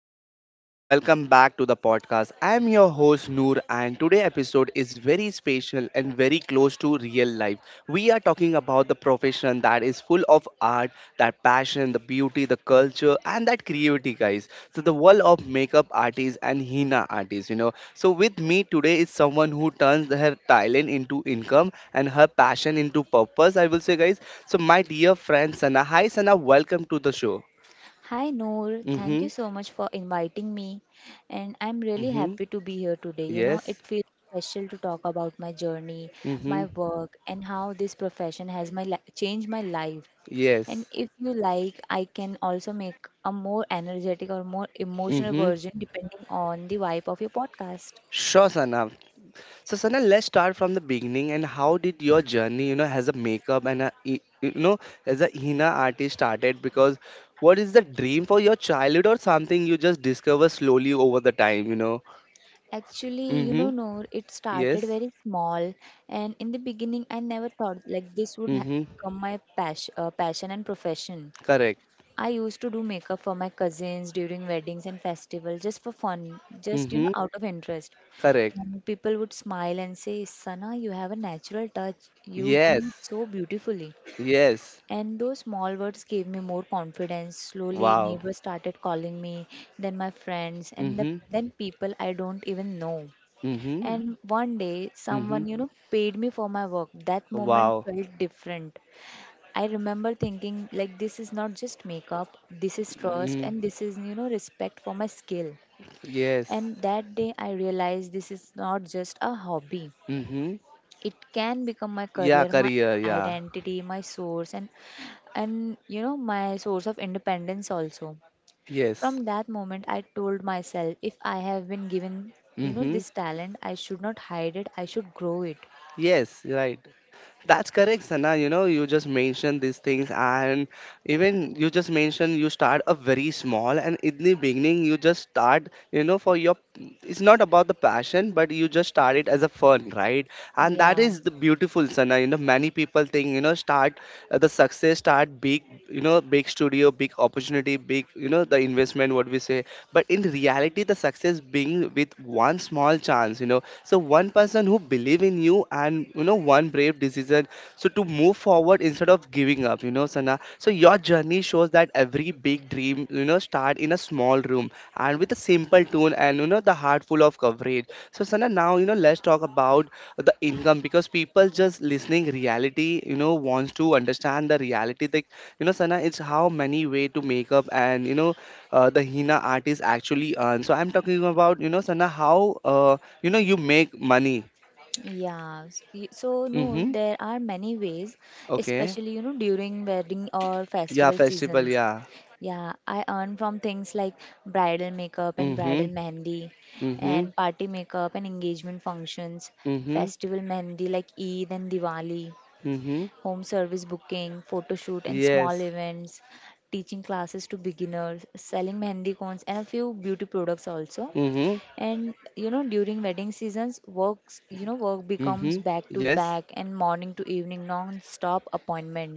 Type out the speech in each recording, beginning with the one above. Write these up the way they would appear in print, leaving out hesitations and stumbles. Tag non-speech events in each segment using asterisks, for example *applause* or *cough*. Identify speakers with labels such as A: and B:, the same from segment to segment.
A: Hello everyone, welcome back to the podcast. I am your host Noor and today episode is very special and very close to real life. We are talking about the profession that is full of art, that passion, the beauty, the culture and that creativity guys. So the world of makeup artists and henna artists. So with me today is someone who turns her talent into income and her passion into purpose, I will say guys. So my dear friend Sana, hi Sana, welcome to the show.
B: Hi Noor, thank
A: Mhm.
B: you so much for inviting me, and I'm really
A: Mhm.
B: happy to be here today. You know,
A: Yes.
B: it feels special to talk about my journey,
A: Mm-hmm.
B: my work, and how this profession has changed my life. And
A: Yes.
B: if you like, I can also make a more energetic or more emotional
A: Mm-hmm.
B: version depending on the vibe of your podcast.
A: Sure, Sana. So, Sana, let's start from the beginning. And how did your journey as a makeup and a, e- you know, as a henna artist started? Because what is the dream for your childhood or something you just discover slowly over the time, you know?
B: Actually, you know,
A: Mm-hmm.
B: Noor, it started
A: Yes.
B: very small, and in the beginning, I never thought like this would
A: Mm-hmm.
B: become passion and profession.
A: Correct.
B: I used to do makeup for my cousins during weddings and festivals just for fun, just, you
A: Mm-hmm.
B: know, out of interest.
A: Correct.
B: And people would smile and say, Sana, you have a natural touch. You do it
A: Yes.
B: so beautifully.
A: Yes.
B: And those small words gave me more confidence. Slowly,
A: Wow.
B: neighbors started calling me, then my friends, and
A: Mm-hmm.
B: then people I don't even know.
A: Mm-hmm.
B: And one day,
A: Mm-hmm.
B: someone, you know, paid me for my work. That moment
A: Wow.
B: felt different. I remember thinking like this is not just makeup, this is trust
A: Mm-hmm.
B: and this is, you know, respect for my skill.
A: Yes.
B: And that day I realized this is not just a hobby.
A: Mm-hmm.
B: It can become my
A: Yeah,
B: career, my
A: career. Yeah.
B: identity, my source and, you know, my source of independence also.
A: Yes.
B: From that moment I told myself, if I have been given, you know,
A: Mm-hmm.
B: this talent, I should not hide it, I should grow it.
A: Yes, right. That's correct, Sana. You just mentioned these things, and even you just mentioned you start a very small, and in the beginning, you just start, for your it's not about the passion, but you just start it as a fun, right? And that
B: Yeah.
A: is the beautiful, Sana. Many people think, start the success, start big, big studio, big opportunity, big the investment what we say, but in reality the success being with one small chance. So one person who believe in you and one brave decision, so to move forward instead of giving up, Sana. So your journey shows that every big dream start in a small room, and with a simple tune and the heart full of coverage. So Sana, now let's talk about the income because people just listening reality wants to understand the reality, Sana, it's how many way to make up and the henna artist actually earn. So I'm talking about Sana how you know you make money.
B: So Noor,
A: Mm-hmm.
B: there are many ways,
A: Okay.
B: especially, you know, during wedding or
A: Yeah,
B: festival
A: festival.
B: seasons.
A: Yeah.
B: Yeah, I earn from things like bridal makeup and
A: Mm-hmm.
B: bridal mehendi,
A: Mm-hmm.
B: and party makeup and engagement functions,
A: Mm-hmm.
B: festival mehendi like Eid and Diwali,
A: Mm-hmm.
B: home service booking, photo shoot and small
A: Yes.
B: events, teaching classes to beginners, selling mehendi cones and a few beauty products also.
A: Mm-hmm.
B: And you know, during wedding seasons, work becomes
A: Mm-hmm.
B: back to
A: Yes.
B: back and morning to evening non-stop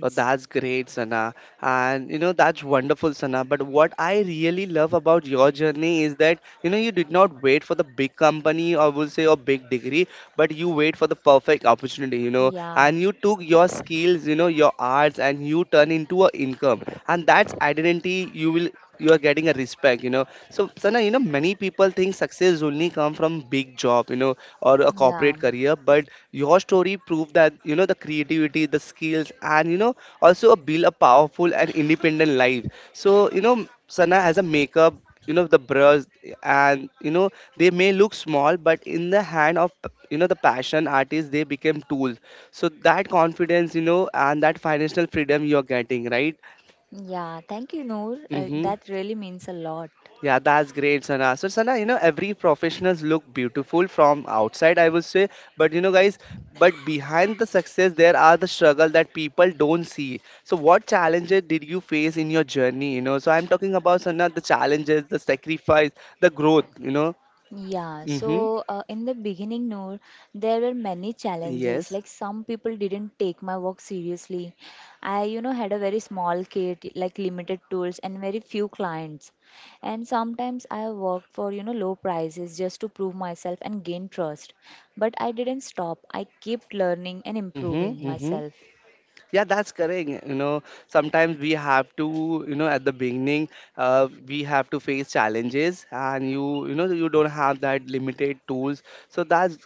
A: Oh, that's great, Sana. And you know, that's wonderful, Sana. But what I really love about your journey is that you know, you did not wait for the big company or we'll say a big degree, but you wait for the perfect opportunity, you know,
B: Yeah.
A: and you took your skills, you know, your arts, and you turn into a income. And that's identity you will you are getting a respect you know so Sana, you know, many people think success only come from big job, you know, or a
B: Yeah.
A: corporate career. But your story proved that you know the creativity, the skills, and you know also a build a powerful and independent life. So you know, Sana as a makeup. You know the brush, and you know they may look small, but in the hand of you know the passion artist, they became tools. So that confidence, you know, and that financial freedom you're getting, right?
B: Yeah. Thank you, Noor.
A: Mm-hmm.
B: That really means a lot.
A: Yeah, that's great, Sana. So, Sana, you know, every professionals look beautiful from outside, I would say. But, you know, guys, but behind the success, there are the struggle that people don't see. So, what challenges did you face in your journey? You know, so I'm talking about, Sana, the challenges, the sacrifice, the growth, you know. Mm-hmm.
B: In the beginning, Noor, there were many challenges.
A: Yes.
B: Like some people didn't take my work seriously. I, you know, had a very small kit, like limited tools and very few clients. And sometimes I worked for, you know, low prices just to prove myself and gain trust. But I didn't stop. I kept learning and
A: Mm-hmm.
B: improving
A: Mm-hmm.
B: myself.
A: Yeah, that's correct. You know, sometimes we have to, you know, at the beginning, we have to face challenges, and you know, you don't have that limited tools. So that's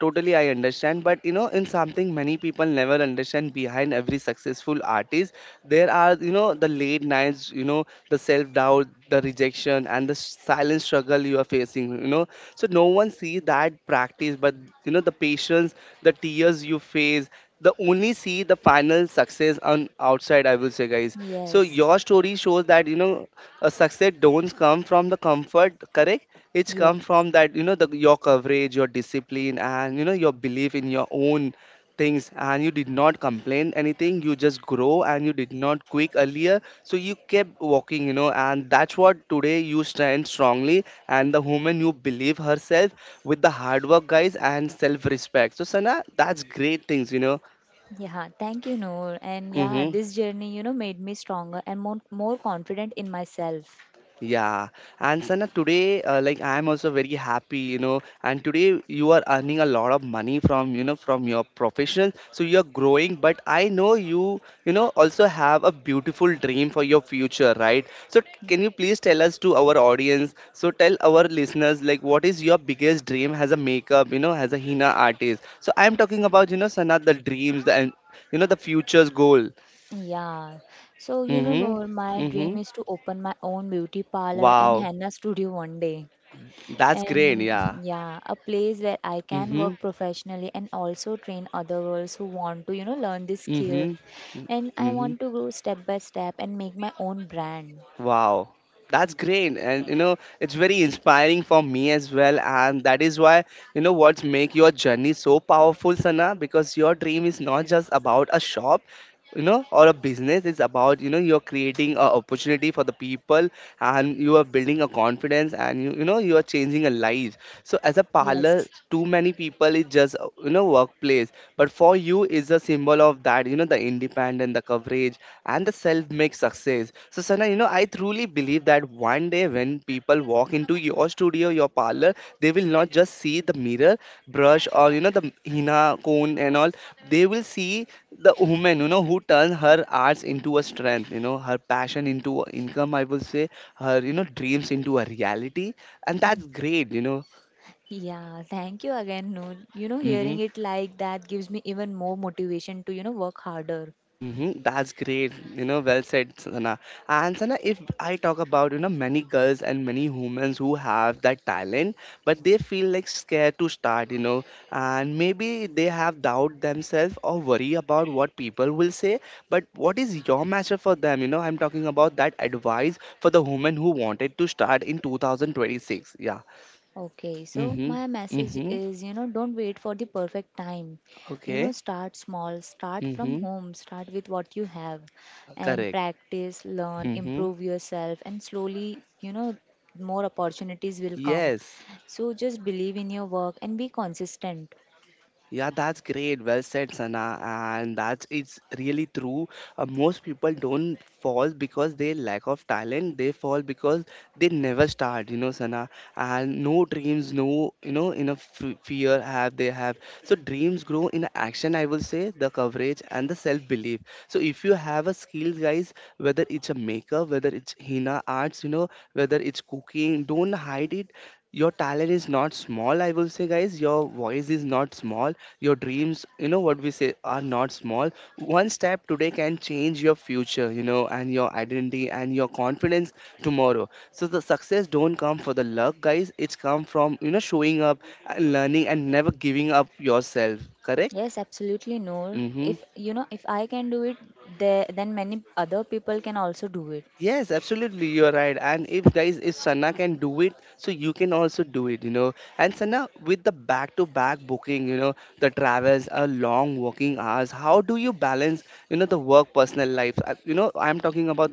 A: totally I understand. But you know, in something many people never understand behind every successful artist, there are, you know, the late nights, you know, the self doubt, the rejection, and the silent struggle you are facing. You know, so no one sees that practice, but you know, the patience, the tears you face the only see the final success on outside I will say guys. So
B: Yes.
A: your story shows that you know a success don't come from the comfort, correct. It's
B: Yeah.
A: come from that you know the your coverage your discipline and you know your belief in your own things and you did not complain anything you just grow and you did not quit earlier so you kept walking you know and that's what today you stand strongly and the woman you believe herself with the hard work guys and self respect so Sana that's great things you know.
B: Yeah, thank you, Noor. And yeah,
A: Mm-hmm.
B: this journey, you know, made me stronger and more confident in myself.
A: Yeah. And Sana, today, like I am also very happy, you know. And today you are earning a lot of money from, you know, from your profession. So you are growing, but I know you, you know, also have a beautiful dream for your future, right? So can you please tell us to our audience? So tell our listeners, like, what is your biggest dream as a makeup, you know, as a Hina artist? So I am talking about, you know, Sana, the dreams, the, and you know, the future's goal.
B: Yeah. So, you know,
A: Mm-hmm.
B: Noor, my dream
A: Mm-hmm.
B: is to open my own beauty parlor and
A: Wow.
B: henna studio one day.
A: That's great.
B: And
A: Yeah.
B: *laughs* yeah, a place where I can
A: Mhm.
B: work professionally and also train other girls who want to, you know, learn this skill.
A: Mhm.
B: And I
A: Mhm.
B: want to grow step by step and make my own brand.
A: Wow, that's great, and you know it's very inspiring for me as well, and that is why you know what's make your journey so powerful, Sana, because your dream is not just about a shop, you know, or a business. It's about you know you're creating a opportunity for the people, and you are building a confidence, and you know you are changing a life. So as a
B: Yes.
A: parlor, too many people is just you know workplace, but for you is a symbol of that you know the independent, the coverage, and the self-made success. So, Sana, you know, I truly believe that one day when people walk into your studio, your parlor, they will not just see the mirror, brush, or you know, the henna cone and all. They will see the woman, you know, who turned her arts into a strength, you know, her passion into a income, I will say, her, you know, dreams into a reality. And that's great, you know.
B: Yeah, thank you again, Noor. You know,
A: Mm-hmm.
B: hearing it like that gives me even more motivation to, you know, work harder.
A: Mm-hmm. That's great. You know, well said, Sana. And Sana, if I talk about, you know, many girls and many humans who have that talent, but they feel like scared to start, you know, and maybe they have doubt themselves or worry about what people will say. But what is your measure for them? You know, I'm talking about that advice for the woman who wanted to start in 2026. Yeah.
B: Okay, so
A: Mm-hmm.
B: my message
A: Mm-hmm.
B: is, you know, don't wait for the perfect time. You know,
A: Okay.
B: start small, start from
A: Mm-hmm.
B: home, start with what you have, and
A: Correct.
B: practice, learn,
A: Mm-hmm.
B: improve yourself, and slowly, you know, more opportunities will come.
A: Yes.
B: So just believe in your work and be consistent.
A: Yeah, that's great. Well said, Sana. And that is really true. Most people don't fall because they lack of talent. They fall because they never start. You know, Sana. And no dreams, no you know enough fear have they have. So dreams grow in action. I will say the coverage and the self belief. So if you have a skill, guys, whether it's a makeup, whether it's henna arts, you know, whether it's cooking, don't hide it your talent is not small I will say guys your voice is not small your dreams, you know what we say, are not small. One step today can change your future, you know, and your identity and your confidence tomorrow. So the success don't come for the luck, guys. It's come from you know showing up, and learning, and never giving up yourself. Correct?
B: Yes, absolutely, no.
A: Mm-hmm.
B: If, you know, if I can do it, there then many other people can also do it.
A: Yes, absolutely, you are right. And if guys, if Sana can do it, so you can also do it, you know. And Sana, with the back-to-back booking, you know, the travels, a long working hours, how do you balance, you know, the work personal life? You know, I'm talking about,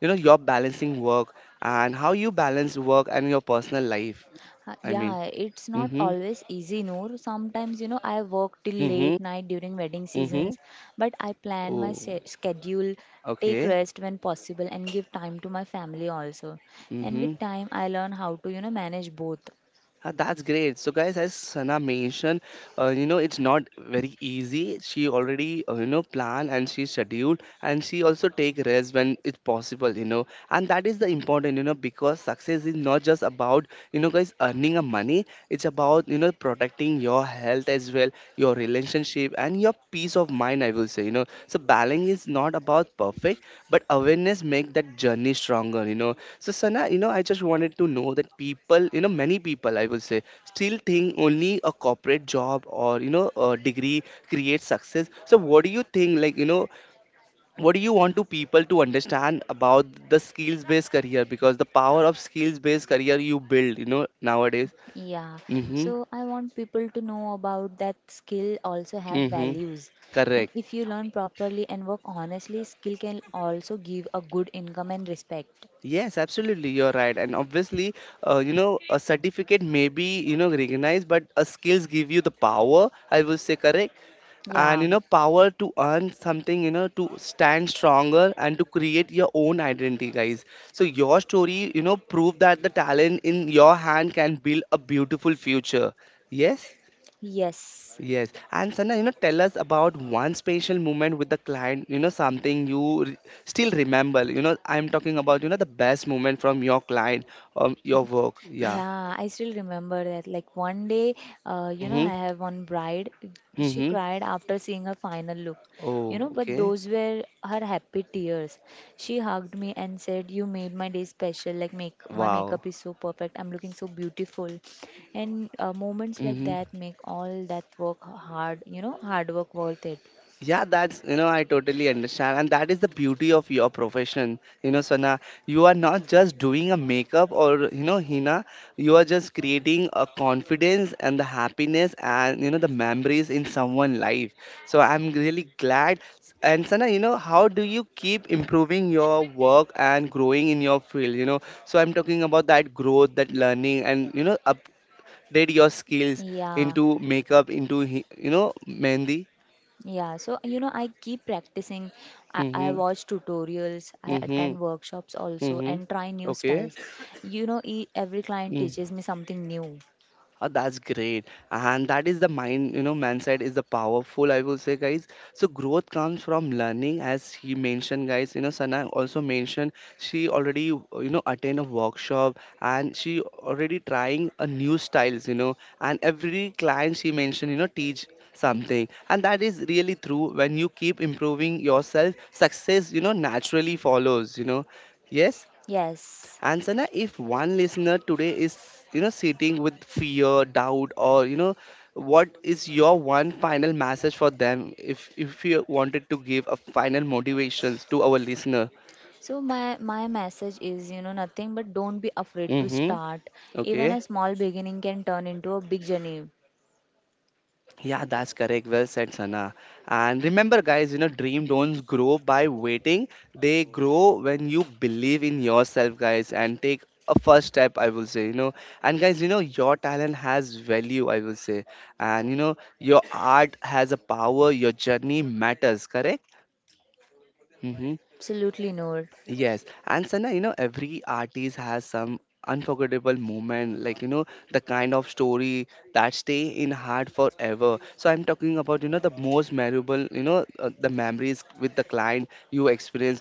A: you know, your balancing work and how you balance work and your personal life. I mean,
B: Yeah, it's not
A: mm-hmm,
B: always easy, Noor. Sometimes, you know, I work till
A: mm-hmm,
B: late night during wedding
A: mm-hmm.
B: seasons, but I plan
A: Oh,
B: schedule, take
A: okay,
B: rest when possible, and give time to my family also. And
A: Mm-hmm.
B: with time, I learn how to, you know, manage both.
A: That's great. So, guys, as Sana mentioned, you know, it's not very easy. She already, you know, plan and she scheduled and she also take rest when it's possible, you know. And that is the important, you know, because success is not just about, you know, guys, earning a money. It's about, you know, protecting your health as well, your relationship and your peace of mind, I will say, you know. So, balance is not about perfect, but awareness make that journey stronger, you know. So Sana, you know, I just wanted to know that people, you know, many people, I will say, still think only a corporate job or you know a degree creates success. So what do you think? Like you know, what do you want to people to understand about the skills-based career? Because the power of skills-based career you build, you know, nowadays.
B: Yeah,
A: Mm-hmm.
B: so I want people to know about that skill also have
A: Mm-hmm.
B: values. And
A: Correct.
B: if you learn properly and work honestly, skill can also give a good income and respect.
A: Yes, absolutely. You're right. And obviously, you know, a certificate may be, you know, recognized, but a skills give you the power. I will say correct. And
B: Yeah,
A: you know power to earn something, you know, to stand stronger and to create your own identity, guys. So your story, you know, prove that the talent in your hand can build a beautiful future. Yes.
B: yes.
A: Yes, and Sana, you know, tell us about one special moment with the client, you know, something you still remember, you know. I'm talking about, you know, the best moment from your client or your work. Yeah.
B: Yeah, I still remember that. Like one day, you know,
A: Mm-hmm.
B: I have one bride. She
A: Mm-hmm.
B: cried after seeing her final look, you
A: Oh,
B: know, but
A: okay.
B: those were her happy tears. She hugged me and said, "You made my day special. Like make my
A: Wow.
B: makeup is so perfect. I'm looking so beautiful." And moments like
A: Mm-hmm.
B: that make all that work hard, you know, hard work worth it.
A: Yeah, that's, you know, I totally understand. And that is the beauty of your profession. You know, Sana, you are not just doing a makeup or, you know, Hina, you are just creating a confidence and the happiness and, you know, the memories in someone's life. So I'm really glad. And Sana, you know, how do you keep improving your work and growing in your field? You know, so I'm talking about that growth, that learning, and, you know, update your skills
B: Yeah.
A: into makeup, into, you know, Mehndi.
B: Yeah, so you know, I keep practicing. I
A: Hmm.
B: watch tutorials, I
A: Mhm.
B: attend workshops also,
A: Mhm.
B: and try new
A: Okay.
B: styles. You know, every client
A: Mm.
B: teaches me something new.
A: Oh, that's great. And that is the mind, you know, mindset is the powerful, I will say, guys. So growth comes from learning, as he mentioned, guys. You know, Sana also mentioned she already, you know, attend a workshop and she already trying a new styles, you know, and every client she mentioned, you know, teach something. And that is really true. When you keep improving yourself, success, you know, naturally follows, you know. Yes?
B: Yes.
A: And Sana, if one listener today is, you know, sitting with fear, doubt, or you know, what is your one final message for them? If you wanted to give a final motivations to our listener.
B: So my message is, you know, nothing but don't be afraid to
A: Mm-hmm.
B: start. Even
A: Okay.
B: a small beginning can turn into a big journey.
A: Yeah, that's correct. Well said, Sana. And remember, guys, you know, dream don't grow by waiting. They grow when you believe in yourself, guys, and take a first step, I will say, you know. And guys, you know, your talent has value, I will say. And you know, your art has a power, your journey matters, correct? Mm-hmm.
B: Absolutely, no.
A: Yes, and Sana, you know, every artist has some unforgettable moment, like you know, the kind of story that stay in heart forever. So I'm talking about, you know, the most memorable, you know, the memories with the client you experience.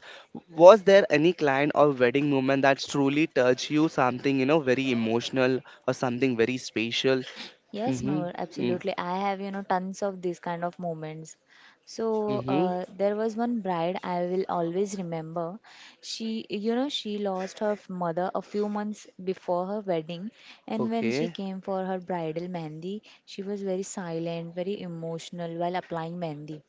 A: Was there any client or wedding moment that truly touched you, something you know very emotional or something very special?
B: Yes,
A: Mm-hmm.
B: no,
A: Mm-hmm.
B: absolutely. I have, you know, tons of these kind of moments. So
A: Mm-hmm.
B: there was one bride I will always remember. She, you know, she lost mother a few months before her wedding, and when she
A: Okay.
B: came for her bridal mehndi, she was very silent, very emotional while applying mehndi.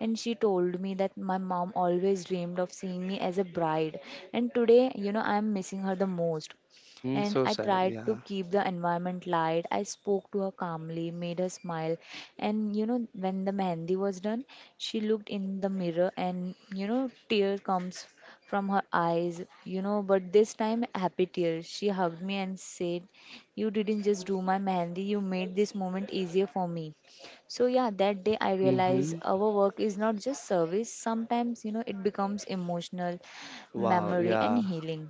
B: And she told me that my mom always dreamed of seeing me as a bride, and today, you know, I am missing her the most,
A: Mm-hmm.
B: and
A: So
B: I
A: sad.
B: tried to
A: Yeah.
B: keep the environment light. I spoke to her calmly, made her smile, and, you know, when the mehndi was done, she looked in the mirror and, you know, tear comes from her eyes, you know, but this time happy tears. She hugged me and said, "You didn't just do my mehndi, you made this moment easier for me." So yeah, that day I realized
A: Mm-hmm.
B: our work is not just service. Sometimes, you know, it becomes emotional,
A: Wow.
B: memory and
A: Yeah.
B: healing.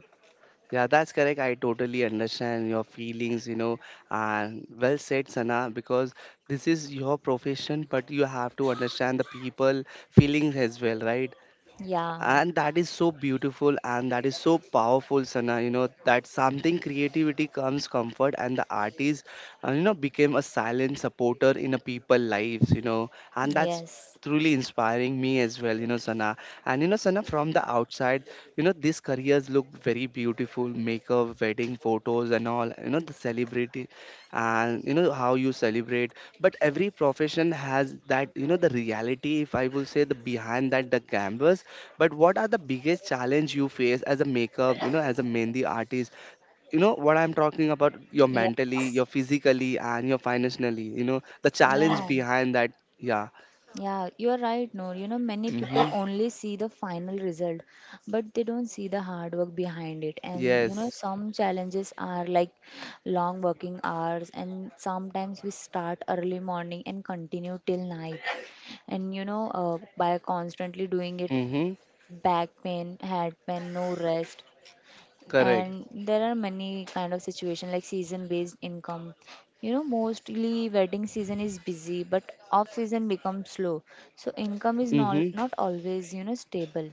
A: Yeah, that's correct. I totally understand your feelings, you know, and well said, Sana, because this is your profession, but you have to understand the people feelings as well, right?
B: Yeah.
A: And that is so beautiful and that is so powerful, Sana. You know that something creativity comes comfort, and the artist, you know, became a silent supporter in a people lives, you know. And that's
B: Yes.
A: truly inspiring me as well, you know, Sana. And you know, Sana, from the outside, you know, these careers look very beautiful, makeup, wedding photos, and all, you know, the celebrity, and you know how you celebrate. But every profession has that, you know, the reality, if I will say, the behind that, the canvas. But what are the biggest challenge you face as a makeup, you know, as a mehndi artist? You know what I'm talking about? Your
B: Yeah.
A: mentally, your physically, and your financially. You know the challenge
B: Yeah.
A: behind that. Yeah.
B: Yeah, you're right, Noor. You know, many people
A: Mhm.
B: only see the final result, but they don't see the hard work behind it. And you know,
A: Yes.
B: some challenges are like long working hours, and sometimes we start early morning and continue till night. And you know, by constantly doing it,
A: Mhm.
B: back pain, head pain, no rest,
A: Correct.
B: and there are many kind of situation like season based income, you know, mostly wedding season is busy but off season becomes slow, so income is not
A: Mhm.
B: not always, you know, stable.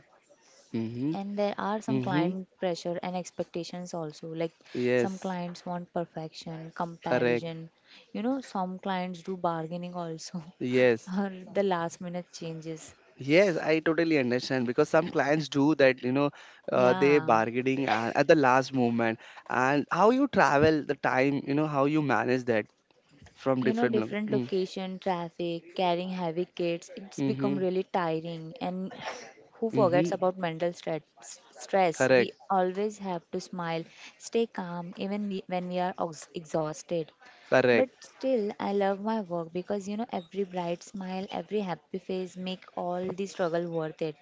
A: Mhm.
B: And there are some
A: Mhm.
B: client pressure and expectations also, like some
A: Yes.
B: clients want perfection
A: Correct.
B: comparison, you know, some clients do bargaining also
A: Yes.
B: *laughs* or the last minute changes.
A: Yes, I totally understand because some clients do that, you know, they
B: Yeah,
A: bargaining and at the last moment. And how you travel the time, you know, how you manage that from
B: you know,
A: different.
B: different
A: Mm.
B: location traffic, carrying heavy kids, it's become
A: Mhm,
B: really tiring, and who forgets
A: mhm.
B: about mental stress. We
A: Correct,
B: always have to smile, stay calm even when we are exhausted, but
A: correct.
B: still I love my work because, you know, every bright smile, every happy face make all the struggle worth it.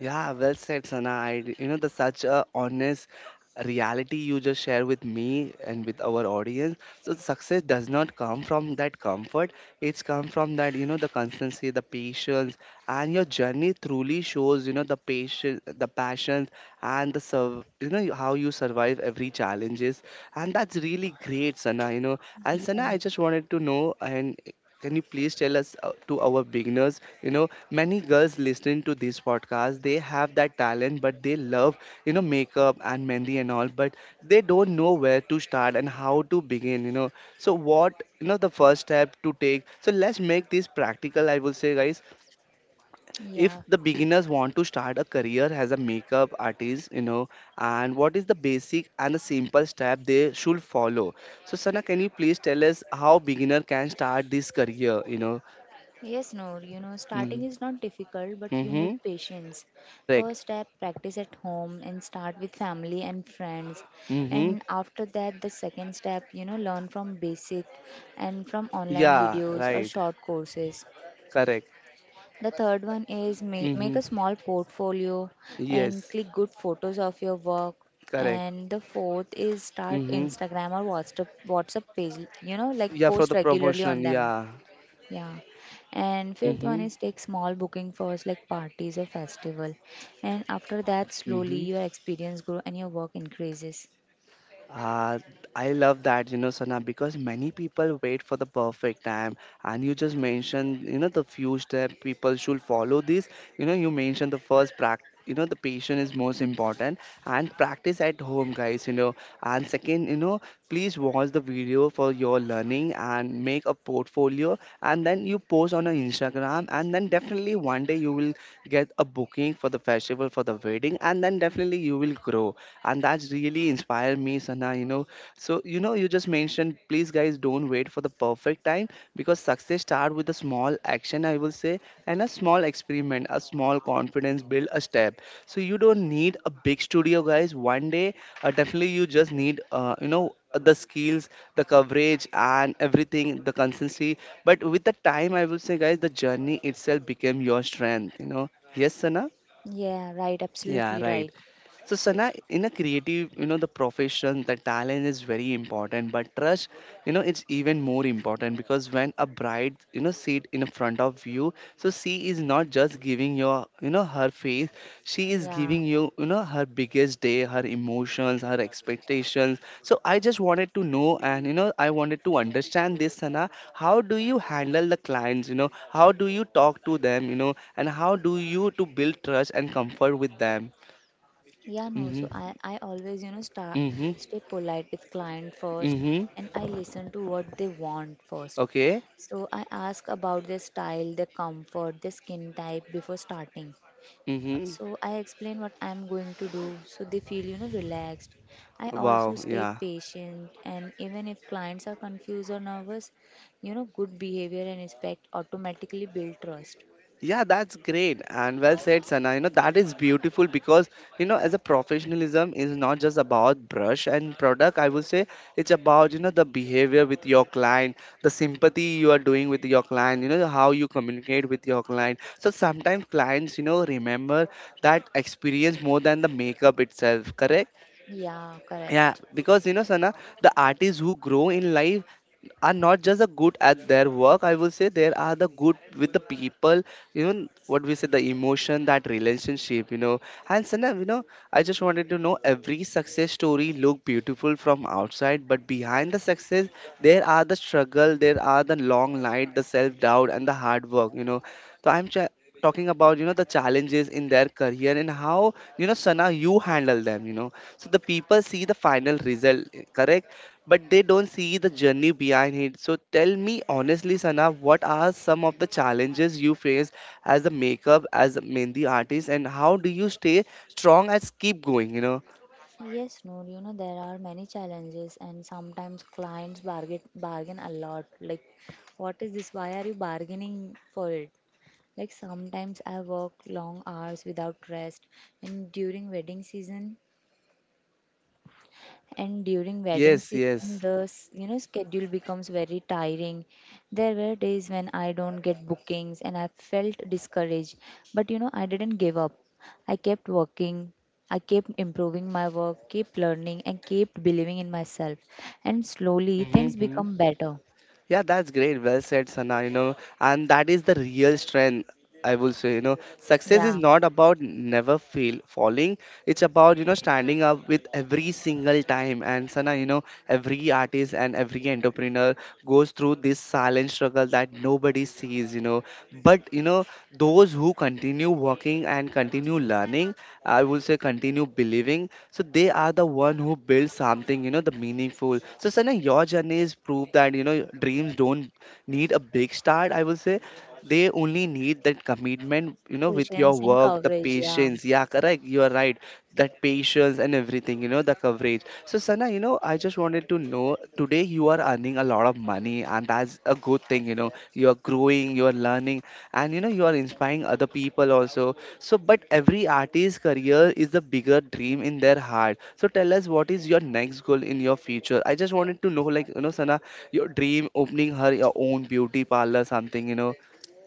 A: Yeah, well said, Sana. I, you know, the such a honest reality you just share with me and with our audience. So success does not come from that comfort. It's come from that, you know, the constancy, the patience, and your journey truly shows, you know, the patience, the passion, and the you know, how you survive every challenges. And that's really great, Sana. You know, and Sana,
B: Yeah.
A: I just wanted to know, and can you please tell us to our beginners? You know, many girls listening to this podcast, they have that talent, but they love, you know, makeup and mehndi and all, but they don't know where to start and how to begin, you know. So, what, you know, the first step to take? So, let's make this practical, I will say, guys. If
B: Yeah.
A: the beginners want to start a career as a makeup artist, you know, and what is the basic and the simple step they should follow? So, Sana, can you please tell us how beginner can start this career? You know.
B: Yes, no, you know, starting
A: Mhm.
B: is not difficult, but you need
A: Mhm.
B: patience.
A: Correct.
B: First step, practice at home and start with family and friends.
A: Mhm.
B: And after that, the second step, you know, learn from basic and from online
A: Yeah,
B: videos or
A: right.
B: short courses.
A: Correct.
B: The third one is make
A: Mhm.
B: a small portfolio and
A: Yes,
B: click good photos of your work.
A: correct.
B: And the fourth is start
A: Mhm.
B: Instagram or WhatsApp page, you know, like
A: Yeah, for
B: post
A: the
B: regularly
A: promotion.
B: on them.
A: Yeah.
B: Yeah. And fifth one
A: Mhm.
B: is take small booking first, like parties or festival. And after that, slowly
A: Mhm.
B: your experience grow and your work increases.
A: Uh, I love that, you know, Sana, because many people wait for the perfect time. And you just mentioned, you know, the few steps people should follow this. You know, you mentioned the first practice. You know, the patient is most important and practice at home, guys. You know, and second, you know, please watch the video for your learning and make a portfolio, and then you post on a Instagram. And then definitely one day you will get a booking for the festival, for the wedding, and then definitely you will grow. And that's really inspired me, Sana, you know. So you know you just mentioned, please guys, don't wait for the perfect time, because success start with a small action, I will say. And a small experiment, a small confidence build a step. So you don't need a big studio, guys. One day, definitely you just need, you know, the skills, the coverage and everything, the consistency. But with the time, I will say, guys, the journey itself became your strength, you know. Yes, Sana.
B: Yeah, right,
A: Yeah,
B: absolutely
A: right.
B: right.
A: So Sana, in a creative, you know, the profession, the talent is very important, but trust, you know, it's even more important, because when a bride, you know, sit in front of you, so she is not just giving your, you know, her face, she is
B: Yeah.
A: giving you, you know, her biggest day, her emotions, her expectations. So I just wanted to know, and you know, I wanted to understand this, Sana. How do you handle the clients? You know, how do you talk to them? You know, and how do you to build trust and comfort with them?
B: Yeah, no. So
A: Mm-hmm.
B: I always, you know, start
A: Mm-hmm.
B: stay polite with client first,
A: Mm-hmm.
B: and I listen to what they want first.
A: Okay.
B: So I ask about their style, their comfort, their skin type before starting.
A: Mm-hmm.
B: So I explain what I'm going to do so they feel, you know, relaxed. I
A: Wow,
B: also stay
A: yeah.
B: patient, and even if clients are confused or nervous, you know, good behavior and respect automatically build trust.
A: Yeah, that's great and well said, Sana. You know, that is beautiful because, you know, as a professionalism is not just about brush and product, I would say it's about, you know, the behavior with your client, the sympathy you are doing with your client, you know, how you communicate with your client. So sometimes clients, you know, remember that experience more than the makeup itself, correct?
B: Yeah,
A: Yeah,
B: correct.
A: because you know, Sana, the artists who grow in life are not just the good at their work. I will say there are the good with the people. You know what we say, the emotion, that relationship. You know, and Sana, you know, I just wanted to know, every success story look beautiful from outside, but behind the success, there are the struggle, there are the long night, the self doubt, and the hard work. You know, so I'm talking about, you know, the challenges in their career and how, you know, Sana, you handle them. You know. So the people see the final result, correct? But they don't see the journey behind it. So tell me honestly, Sana, what are some of the challenges you face as a makeup, as a Mendi artist, and how do you stay strong and keep going, you know?
B: Yes, no, you know, there are many challenges, and sometimes clients bargain a lot, like what is this, why are you bargaining for it. Like sometimes I work long hours without rest, and during wedding season and during wedding
A: Yes,
B: season
A: yes.
B: the you know schedule becomes very tiring. There were days when I don't get bookings and I felt discouraged, but you know, I didn't give up. I kept working, I kept improving my work, kept learning and kept believing in myself, and slowly things
A: Mm-hmm. Mm-hmm.
B: become better.
A: Yeah, that's great. Well said, Sana. You know, and that is the real strength. I will say, you know, success is
B: Yeah,
A: not about never fail falling. It's about, you know, standing up with every single time. And Sana, you know, every artist and every entrepreneur goes through this silent struggle that nobody sees. But you know, those who continue working and continue learning, I will say, continue believing, so they are the one who build something, the meaningful. So Sana, your journey is proof that dreams don't need a big start, I will say. They only need that commitment, with your
B: patience and
A: work, the
B: coverage. Yeah.
A: patience. Yeah, correct, you are right. That patience and everything, the coverage. So Sana, I just wanted to know, today you are earning a lot of money and that's a good thing, you're growing, you're learning, and you are inspiring other people also. So but every artist's career is the bigger dream in their heart. So tell us, what is your next goal in your future? I just wanted to know, like, Sana, your dream opening her your own beauty parlor, something,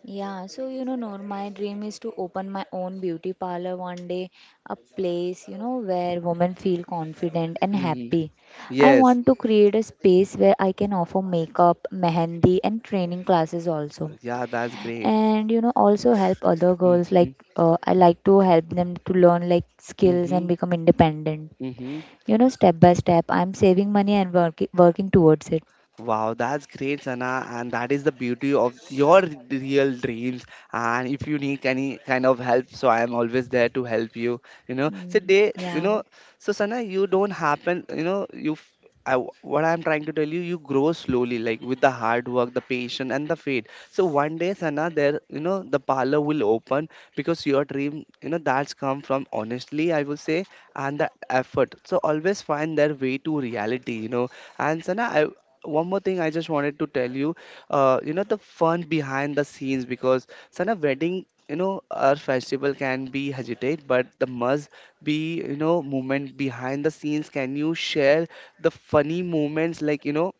B: Yeah, so you know, Noor, my dream is to open my own beauty parlor one day, a place, you know, where women feel confident and
A: hmm.
B: happy. I
A: Yes.
B: want to create a space where I can offer makeup, mehendi, and training classes also.
A: Yeah, that's great.
B: And you know, also help other girls
A: Hmm.
B: like I like to help them to learn like skills
A: Hmm.
B: and become independent.
A: Hmm.
B: You know, step by step, I'm saving money and working towards it.
A: Wow, that's great, Sana, and that is the beauty of your real dreams. And if you need any kind of help, so I am always there to help you. You know, so
B: Mm,
A: they, you
B: yeah.
A: know, so Sana, you don't happen. You know, you. F- I, w- what I'm trying to tell you, you grow slowly, like with the hard work, the patience, and the faith. So one day, Sana, there, the parlor will open because your dream, that's come from honestly, I will say, and the effort. So always find their way to reality, And Sana, one more thing I just wanted to tell you, the fun behind the scenes, because Sana wedding, our festival can be hesitate, but the must be, moment behind the scenes. Can you share the funny moments, like,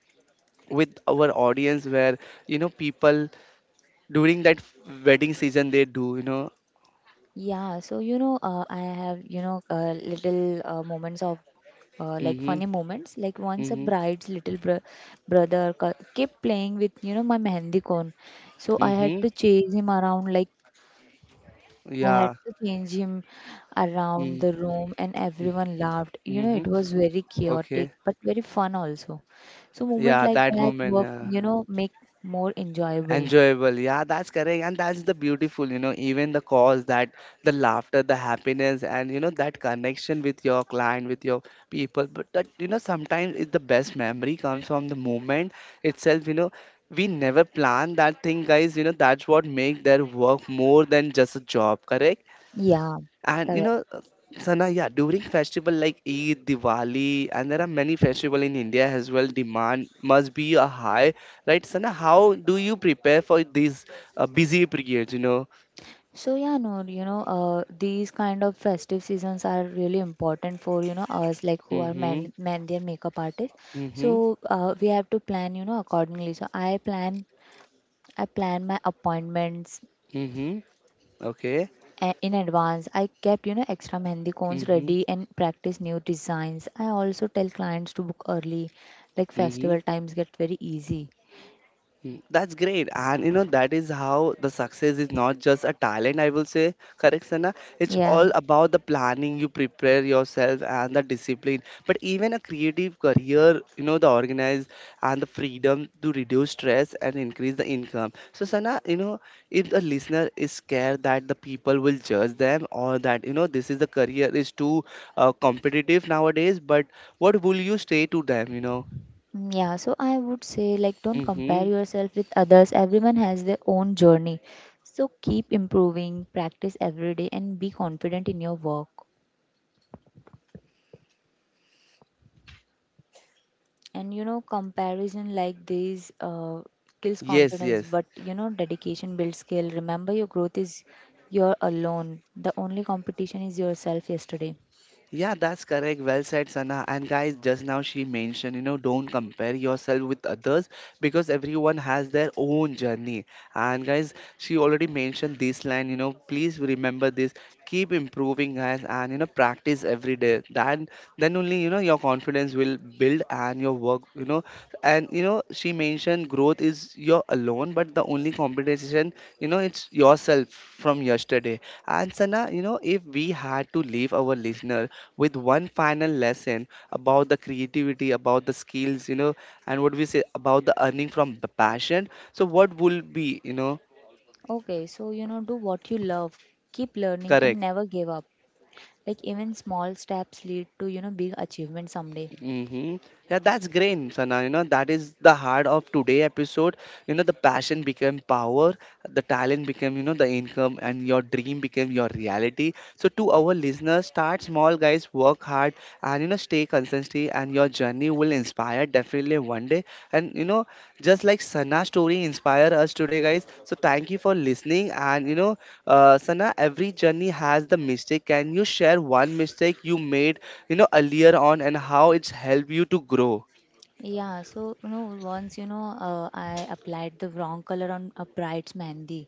A: with our audience where, people during that wedding season they do,
B: Yeah, so you know, I have, you know, little moments of like
A: mm-hmm,
B: funny moments. Like once a
A: mm-hmm,
B: bride's little brother kept playing with, you know, my Mehendi cone, so I
A: mm-hmm,
B: had to chase him around. Like I had
A: yeah,
B: to change him around the
A: mm-hmm,
B: room, and everyone laughed. You know,
A: mm-hmm,
B: it was very chaotic
A: okay,
B: but very fun also. So moment
A: yeah,
B: like
A: that
B: that
A: moment,
B: work
A: yeah.
B: make more enjoyable.
A: Enjoyable, yeah, that's correct, and that's the beautiful, even the cause that the laughter, the happiness, and that connection with your client, with your people. But that, sometimes it's the best memory comes from the moment itself, we never plan that thing, guys, that's what make their work more than just a job, correct.
B: Yeah,
A: And
B: correct.
A: Sana, yeah, during festival like Eid, Diwali, and there are many festival in India as well, demand must be a high, right? Sana, how do you prepare for these busy periods,
B: So yeah, no, you know, These kind of festive seasons are really important for us like who are
A: Mm-hmm,
B: men their makeup artists.
A: mm-hmm,
B: So we have to plan accordingly. So I plan my appointments
A: mm-hmm, okay,
B: in advance. I kept extra mehndi cones
A: mm-hmm,
B: ready and practice new designs. I also tell clients to book early, like
A: mm-hmm.
B: festival times get very easy.
A: Mm. That's great. And that is how the success is not just a talent, I will say, correct, Sana? It's
B: Yeah.
A: all about the planning, you prepare yourself and the discipline. But even a creative career, the organize and the freedom to reduce stress and increase the income. So, Sana, if the listener is scared that the people will judge them or that, this is the career is too competitive nowadays, but what will you say to them,
B: Yeah, so I would say, like, don't compare
A: Mm-hmm.
B: yourself with others. Everyone has their own journey. So keep improving, practice every day, and be confident in your work. And comparison like this kills
A: Yes,
B: confidence,
A: yes.
B: but dedication builds skill. Remember, your growth is your alone. The only competition is yourself yesterday.
A: Yeah, that's correct. Well said, Sana. And guys, just now she mentioned, don't compare yourself with others because everyone has their own journey. And guys, she already mentioned this line, please remember this. Keep improving, guys, and practice every day. Then only your confidence will build and your work, and she mentioned growth is your alone, but the only competition, it's yourself from yesterday. And Sana, if we had to leave our listener with one final lesson about the creativity, about the skills, and what we say about the earning from the passion. So, what will be,
B: Do what you love, keep learning, and
A: correct?
B: never give up. Like, even small steps lead to big achievement someday.
A: Mm-hmm. Yeah, that's great, Sana. That is the heart of today episode. The passion became power, the talent became, the income, and your dream became your reality. So to our listeners, start small, guys, work hard, and stay consistent, and your journey will inspire definitely one day. And just like Sana's story inspire us today, guys. So thank you for listening. And Sana, every journey has the mistake. Can you share one mistake you made earlier on and how it's helped you to grow?
B: I applied the wrong color on a bride's mehndi,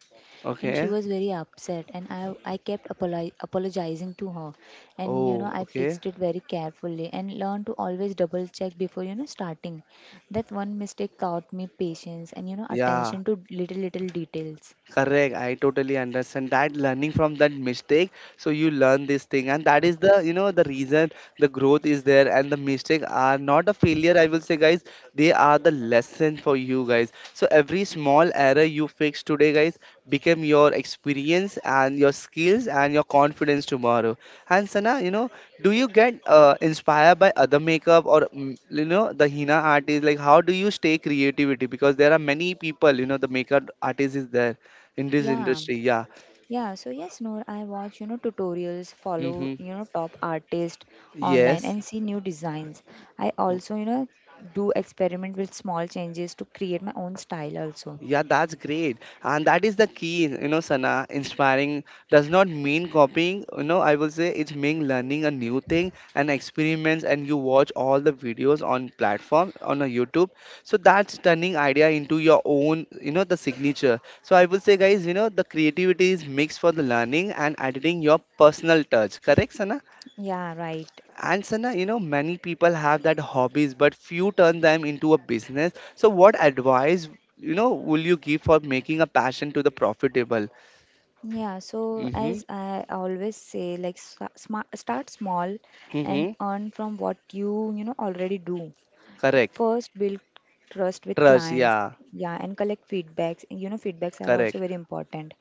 B: and she
A: Okay.
B: was very upset, and I kept apologizing to her, and
A: Oh,
B: I
A: okay.
B: fixed it very carefully and learned to always double check before starting. That one mistake taught me patience and
A: Yeah.
B: attention to little details.
A: Correct. I totally understand that, learning from that mistake. So you learn this thing, and that is the the reason the growth is there, and the mistake are not a failure. I will say, guys, they are the lesson for you guys. So every small error you fix today, guys, become your experience and your skills and your confidence tomorrow. And Sana, do you get inspired by other makeup or the Hina artists? Like, how do you stay creativity? Because there are many people, the makeup artist is there in this
B: Yeah.
A: industry, yeah.
B: Noor, I watch, tutorials, follow,
A: Mm-hmm.
B: top artists online
A: Yes.
B: and see new designs. I
A: W-
B: also, do experiment with small changes to create my own style also.
A: yeah, that's great. And that is the key, Sana, inspiring does not mean copying, I will say. It's mean learning a new thing and experiments, and you watch all the videos on platform on a YouTube. So that's turning idea into your own, the signature. So I will say, guys, the creativity is mixed for the learning and adding your personal touch, correct, Sana?
B: Yeah, right.
A: And Sana, many people have that hobbies, but few turn them into a business. So, what advice, will you give for making a passion to the profitable?
B: Yeah, so
A: Mm-hmm.
B: as I always say, like start small and
A: Mm-hmm.
B: earn from what you, already do.
A: Correct.
B: First, build trust with
A: Trust.
B: clients.
A: Yeah.
B: Yeah, and collect feedbacks. You know, feedbacks are also
A: Correct.
B: very important.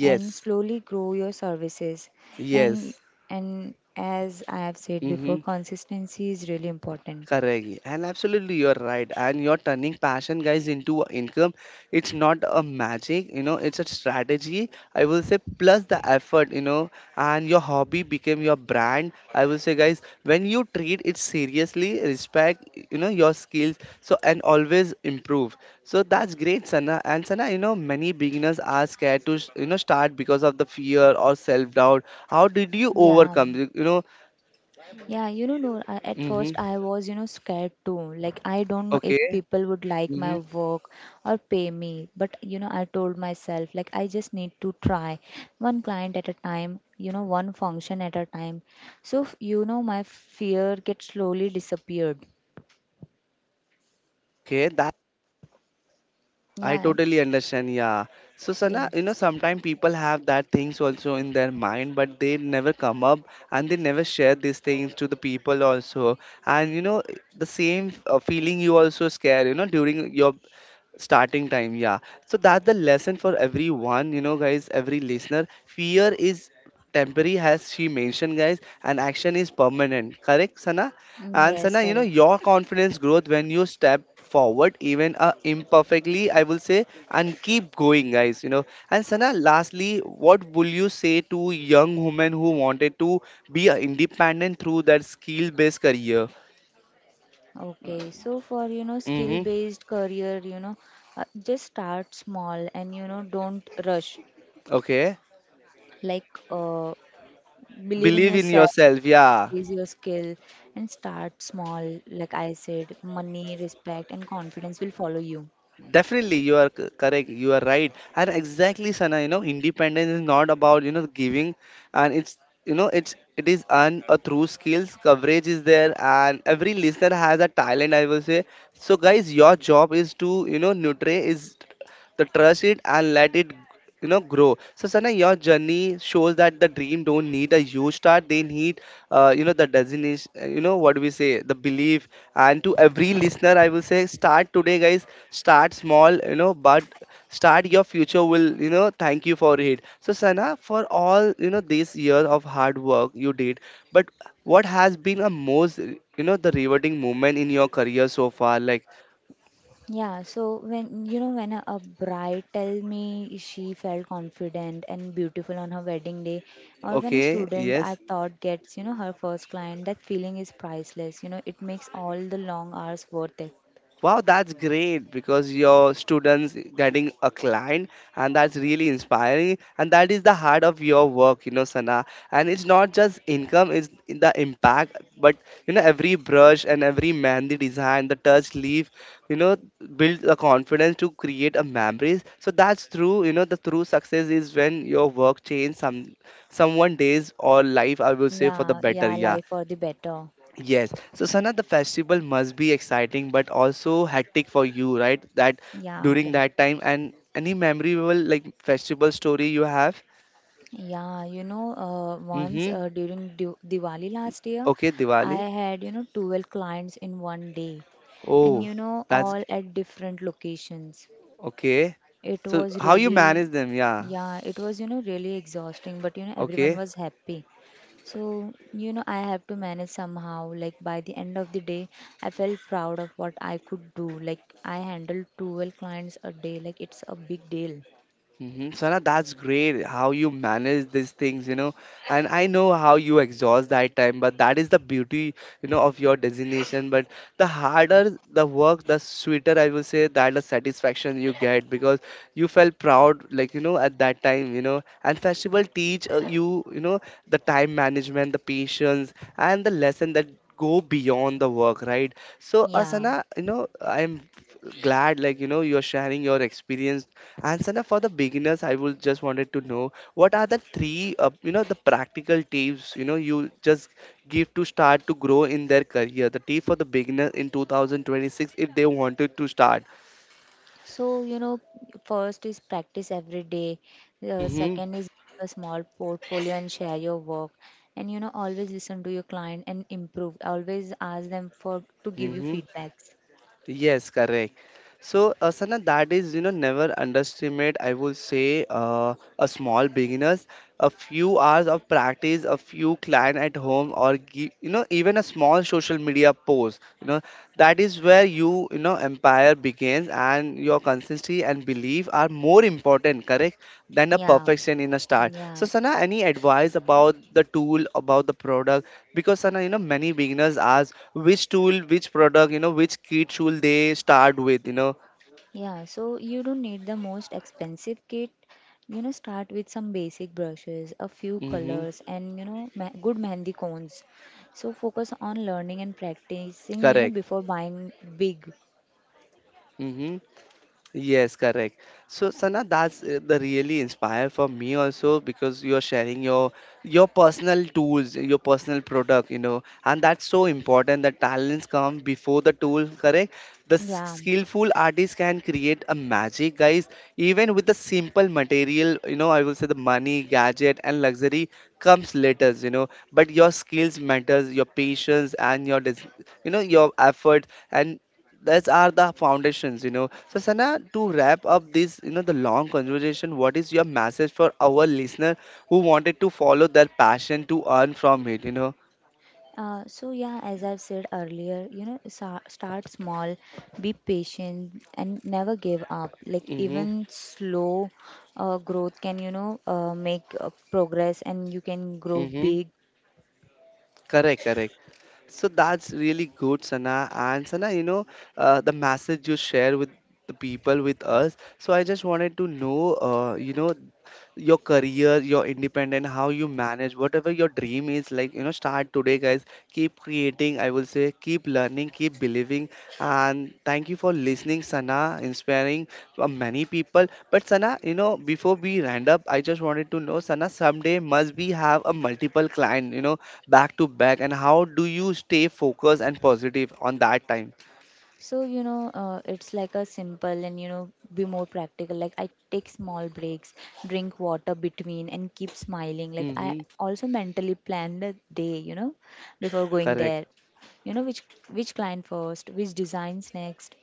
B: And slowly grow your services. And
A: Yes.
B: and as I have said before,
A: Mm-hmm.
B: consistency is really important.
A: Correct. And absolutely, you're right. And you're turning passion, guys, into a income. It's not a magic, it's a strategy. I will say, plus the effort, and your hobby became your brand. I will say, guys, when you treat it seriously, respect, your skills. So, and always improve. So that's great, Sana. And Sana, many beginners are scared to, start because of the fear or self-doubt. How did you
B: Yeah.
A: overcome,
B: Noor, at first
A: Mm-hmm.
B: I was, scared too. Like, I don't know if
A: Okay.
B: people would like my
A: Mm-hmm.
B: work or pay me. But, I told myself, like, I just need to try one client at a time, one function at a time. So, my fear get slowly disappeared.
A: Okay, that, I
B: Yeah,
A: totally understand. Yeah. So Sana,
B: yes.
A: sometimes people have that things also in their mind, but they never come up and they never share these things to the people also. And the same feeling you also scare, during your starting time, yeah. So that's the lesson for everyone, guys, every listener fear is temporary, as she mentioned, guys, and action is permanent, correct Sana. And
B: Yes,
A: Sana,
B: correct.
A: your confidence growth when you step forward, even imperfectly, I will say, and keep going, guys, And Sana, lastly, what will you say to young women who wanted to be independent through that skill based career?
B: So for skill
A: Mm-hmm.
B: based career, just start small and don't rush.
A: Okay.
B: Like uh, Believe in
A: Believe in
B: yourself,
A: yourself, yeah.
B: practice your skill, and start small. Like I said, money, respect, and confidence will follow you.
A: Definitely, you are correct. You are right, and exactly, Sana. Independence is not about giving, and it's it is earned through skills. Coverage is there, and every listener has a talent, I will say. So, guys, your job is to nurture is the trust it and let it grow. So Sana, your journey shows that the dream don't need a huge start, they need the designation, what do we say, the belief. And to every listener, I will say, start today, guys, start small, but start. Your future will, thank you for it. So Sana, for all, this year of hard work you did, but what has been a most, the rewarding moment in your career so far, like?
B: Yeah, so when you know when a bride tell me she felt confident and beautiful on her wedding day, or when a
A: Okay.
B: student I
A: Yes.
B: thought gets her first client, that feeling is priceless. You know, it makes all the long hours worth it.
A: Wow, that's great, because your students getting a client, and that's really inspiring, and that is the heart of your work, Sana. And it's not just income, it's the impact. But every brush and every mehndi design, the touch leaf, you know, build the confidence to create a memories. So that's true, the true success is when your work change some someone days or life, I will say, for the better.
B: Yeah,
A: Yeah.
B: life for the better.
A: Yes. So, Sana, the festival must be exciting but also hectic for you, right? That
B: Yeah,
A: during
B: Bob.
A: that time, and any memorable like festival story you have?
B: Yeah, you know, once
A: Mm-hmm.
B: during Diwali last year,
A: Okay,
B: I
A: Diwali.
B: had, 12 clients in one day, and
A: Oh, that's
B: all at different locations.
A: okay.
B: It
A: So,
B: was
A: how you
B: really,
A: manage them? Yeah.
B: it was really exhausting, but everyone
A: Okay.
B: was happy. So, I have to manage somehow. Like by the end of the day, I felt proud of what I could do. Like I handled 12 clients a day, like it's a big deal.
A: Mm-hmm. Sana, that's great how you manage these things, And I know how you exhaust that time, but that is the beauty, of your designation. But the harder the work, the sweeter, I will say, that the satisfaction you get, because you felt proud, like, at that time, And festival teach you, the time management, the patience, and the lesson that go beyond the work, right? So,
B: Yeah.
A: Asana, I'm glad, like, you're sharing your experience. And Sana, for the beginners, I would just wanted to know, what are the three, the practical tips, you just give to start to grow in their career. The tip for the beginner in 2026 if they wanted to start.
B: So, first is practice every day. The
A: Mm-hmm.
B: second is a small portfolio and share your work. And, always listen to your client and improve. Always ask them for to give you
A: Mm-hmm.
B: feedbacks.
A: Yes, correct. So, Sana, that is, you know, never underestimate, I would say, a small beginners. A few hours of practice, a few client at home, or give, you know, even a small social media post, you know, that is where you know, empire begins and your consistency and belief are more important, correct? Than a
B: Yeah.
A: perfection in a start. So
B: Yeah.
A: Sana, any advice about the tool, about the product? Because Sana, you know, many beginners ask which tool, which product, you know, which kit should they start with, you know?
B: Yeah. So you don't need the most expensive kit. You know, start with some basic brushes, a few
A: Mm-hmm.
B: colors, and good mehndi cones. So focus on learning and practicing,
A: Correct.
B: before buying big.
A: Mm-hmm. Yes, correct. So, Sana, that's the really inspire for me also because you're sharing your personal tools, your personal product, you know, and that's so important. The talents come before the tool, correct? The
B: Yeah.
A: skillful artist can create a magic, guys. Even with the simple material, you know, I will say the money, gadget, and luxury comes later, you know. But your skills matters, your patience, and your, you know, your effort, and those are the foundations, you know. So, Sana, to wrap up this, you know, the long conversation, what is your message for our listener who wanted to follow their passion to earn from it, you know?
B: As I've said earlier, start small, be patient, and never give up. Like
A: Mm-hmm.
B: even slow growth can, make progress, and you can grow
A: Mm-hmm.
B: big.
A: Correct, correct. So that's really good, Sana. And Sana, you know, the message you share with the people with us. So I just wanted to know, you know, your career, your independent, how you manage, whatever your dream is, like, you know, start today, guys. Keep creating, I will say, keep learning, keep believing. And thank you for listening, Sana, inspiring many people. But Sana, you know, before we round up, I just wanted to know, Sana, someday must be have a multiple client, you know, back to back and how do you stay focused and positive on that time?
B: It's like a simple and be more practical. Like I take small breaks, drink water between, and keep smiling. Like I
A: Hmm.
B: also mentally plan the day, before going
A: Correct.
B: there which client first, which designs next.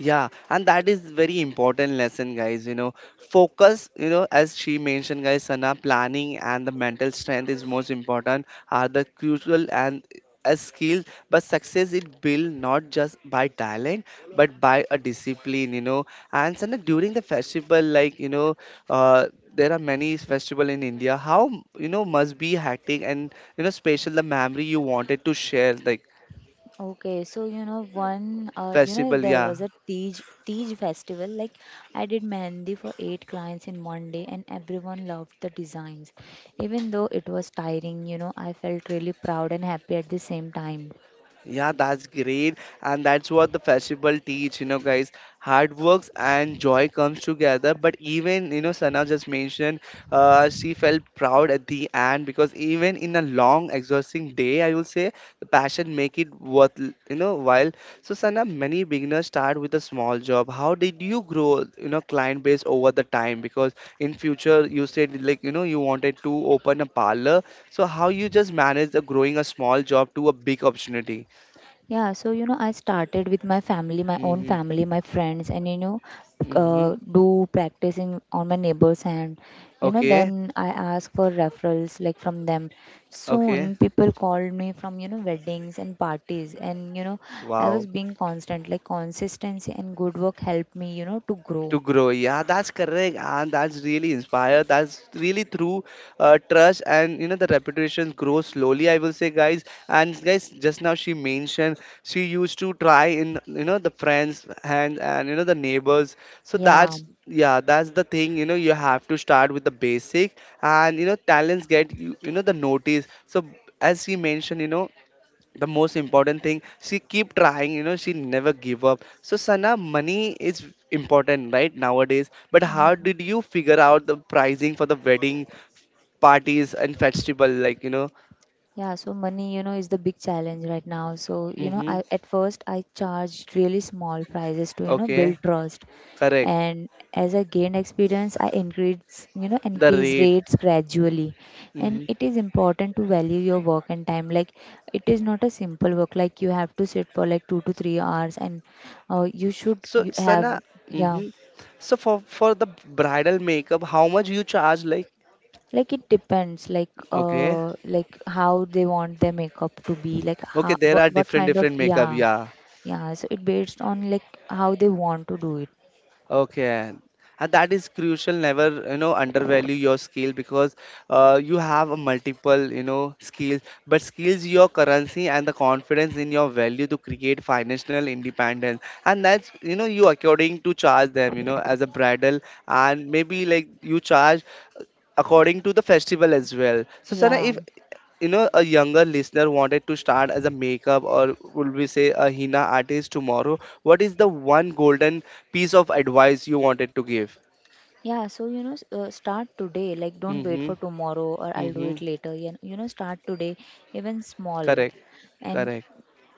A: Yeah, and that is very important lesson, guys. You know, focus. You know, as she mentioned, guys, Sana, planning and the mental strength is most important are the crucial and as skills, but success it built not just by talent, but by a discipline. You know, and Sana, during the festival, like you know, uh, there are many festival in India. How you know must be hectic and you know special the memory you wanted to share, like
B: Okay, so you know one, you know
A: festival.
B: There
A: Yeah.
B: was a Tej festival. Like I did mehendi for eight clients in one day, and everyone loved the designs. Even though it was tiring, I felt really proud and happy at the same time.
A: Yeah, that's great. And that's what the festival teach, you know, guys. Hard works and joy comes together. But even, you know, Sana just mentioned she felt proud at the end because even in a long, exhausting day, I will say, the passion make it worth, you know, while. So, Sana, many beginners start with a small job. How did you grow, you know, client base over the time? Because in future, you said, like, you know, you wanted to open a parlor. So, how you just manage the growing a small job to a big opportunity?
B: I started with my family, my own
A: Mhm.
B: family, my friends, and
A: Mhm.
B: do practicing on my neighbors, and
A: Okay,
B: then I ask for referrals like from them.
A: okay.
B: Soon, people called me from weddings and parties, and I was
A: Wow.
B: being constant, like consistency and good work helped me, to grow.
A: To grow. Yeah, that's correct. And that's really inspired. That's really through trust and you know the reputation grows slowly, I will say, guys. And guys, just now she mentioned she used to try in you know the friends and you know the neighbors. So
B: Yeah.
A: that's yeah, that's the thing. You know, you have to start with the basic and you know talents get you know the notice. So as she mentioned, you know, the most important thing she keep trying you know she never give up. So Sana, money is important right nowadays, but how
B: Mhm.
A: did you figure out the pricing for the wedding parties and festival, like you know?
B: Yeah, so money, is the big challenge right now. So, you know,
A: Mm-hmm.
B: I at first I charged really small prices to,
A: Okay.
B: build trust.
A: Correct.
B: And as I gained experience, I increase you know
A: The
B: increase
A: rate.
B: rates gradually, and it
A: Mm-hmm.
B: is important to value your work and time. Like it is not a simple work, like you have to sit for like 2 to 3 hours and
A: So
B: you have
A: Sana.
B: yeah.
A: Mm-hmm. So for the bridal makeup how much you charge like?
B: Like it depends,
A: Okay.
B: like how they want their makeup to be, like
A: Okay, there are
B: what
A: different
B: kind of,
A: different makeup,
B: yeah.
A: yeah.
B: Yeah, so it based on like how they want to do it.
A: Okay. And that is crucial. Never, you know, undervalue your skill because you have a multiple, you know, skills. But skills, your currency and the confidence in your value to create financial independence. And that's, you know, you according to charge them, you know, as a bridal and maybe like you charge according to the festival as well. So Sana,
B: Yeah.
A: if you know a younger listener wanted to start as a makeup or would we say a henna artist tomorrow, what is the one golden piece of advice you wanted to give?
B: Start today. Like, don't wait
A: Mm-hmm.
B: for tomorrow or I'll do
A: Mm-hmm.
B: it later. Yeah, you know, start today, even small,
A: Correct.
B: and
A: Correct.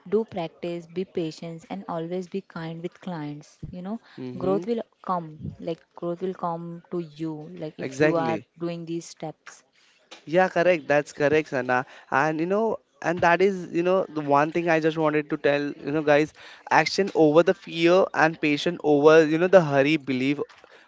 B: do practice, be patient, and always be kind with clients. You know,
A: Mm-hmm.
B: growth will come. Like, growth will come to you, like, if you are
A: Exactly.
B: doing these steps.
A: Yeah, correct. That's correct, Sana. And you know, and that is, you know, the one thing I just wanted to tell, you know, guys, action over the fear and patience over, you know, the hurry, believe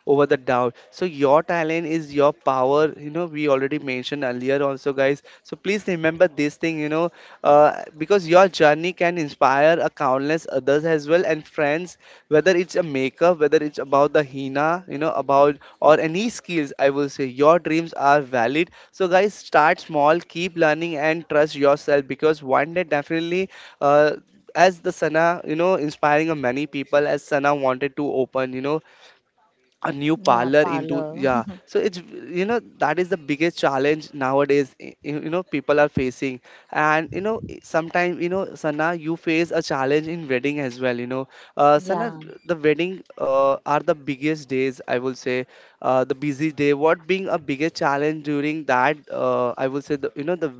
A: over the doubt. So your talent is your power. You know, we already mentioned earlier also, guys. So please remember this about this thing you know, uh, because your journey can inspire a countless others as well and friends, whether it's a makeup, whether it's about the hina, you know, about or any skills, I will say your dreams are valid. So guys, start small, keep learning and trust yourself because one day definitely uh, as the Sana you know inspiring of many people as Sana wanted to open you know a new
B: Yeah,
A: parlor into,
B: parlor.
A: yeah, so it's you know that is the biggest challenge nowadays. You you know people are facing and you know sometimes you know Sana you face a challenge in wedding as well, you know, Sana
B: *laughs* yeah.
A: the wedding are the biggest days I will say, the busy day what being a biggest challenge during that, I will say the, you know the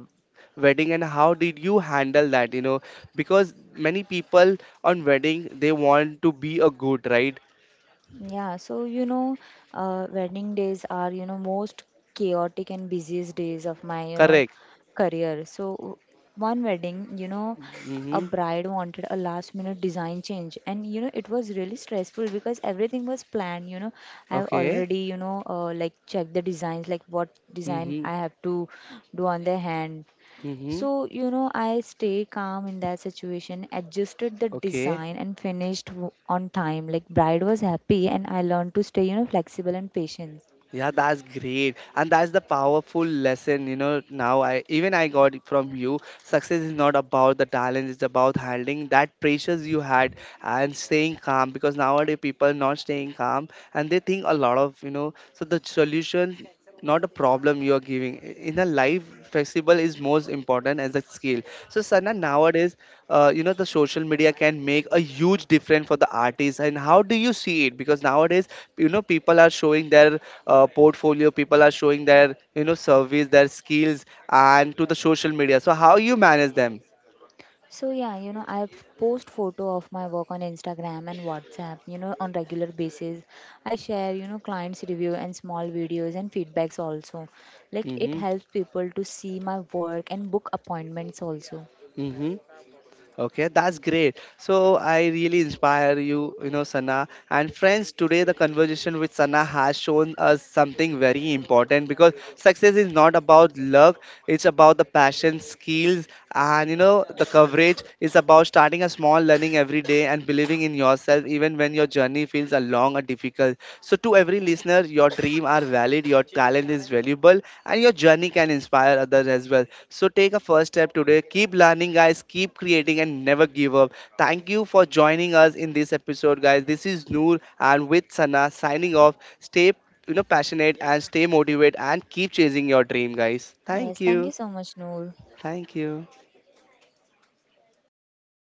A: wedding and how did you handle that you know, because many people on wedding they want to be a good, right?
B: Yeah, so you know, Wedding days are, most chaotic and busiest days of my,
A: Correct.
B: career. So one wedding, a
A: Mhm.
B: bride wanted a last minute design change, and it was really stressful because everything was planned, you know. I've
A: Okay.
B: already, like checked the designs, like what design
A: Mm-hmm.
B: I have to do on the hand.
A: Mm-hmm.
B: So, I stay calm in that situation, adjusted the
A: Okay.
B: design and finished on time. Like bride was happy and I learned to stay, flexible and patient.
A: Yeah, that's great. And that's the powerful lesson, you know. Now I even I got it from you. Success is not about the talent, it's about handling that pressures you had and staying calm because nowadays people not staying calm and they think a lot of, you know, so the solution not a problem you are giving in a life. Flexible is most important as a skill. So Sana, nowadays you know the social media can make a huge difference for the artists and how do you see it because nowadays you know people are showing their portfolio, people are showing their you know service their skills and to the social media, so how you manage them?
B: I post photo of my work on Instagram and WhatsApp, on regular basis. I share, clients review and small videos and feedbacks also. Like it
A: Mm-hmm.
B: helps people to see my work and book appointments also.
A: Mm-hmm. Okay, that's great. So I really inspire you, you know, Sana. And friends, today the conversation with Sana has shown us something very important because success is not about luck, it's about the passion, skills, and you know, the coverage. It's about starting a small learning every day and believing in yourself even when your journey feels a long or difficult. So to every listener, your dream are valid, your talent is valuable, and your journey can inspire others as well. So take a first step today. Keep learning, guys. Keep creating and never give up. Thank you for joining us in this episode, guys. This is Noor and with Sana signing off. Stay, you know, passionate and stay motivated and keep chasing your dream, guys.
B: Yes,
A: Thank
B: thank you
A: you.
B: so much, Noor.
A: Thank you.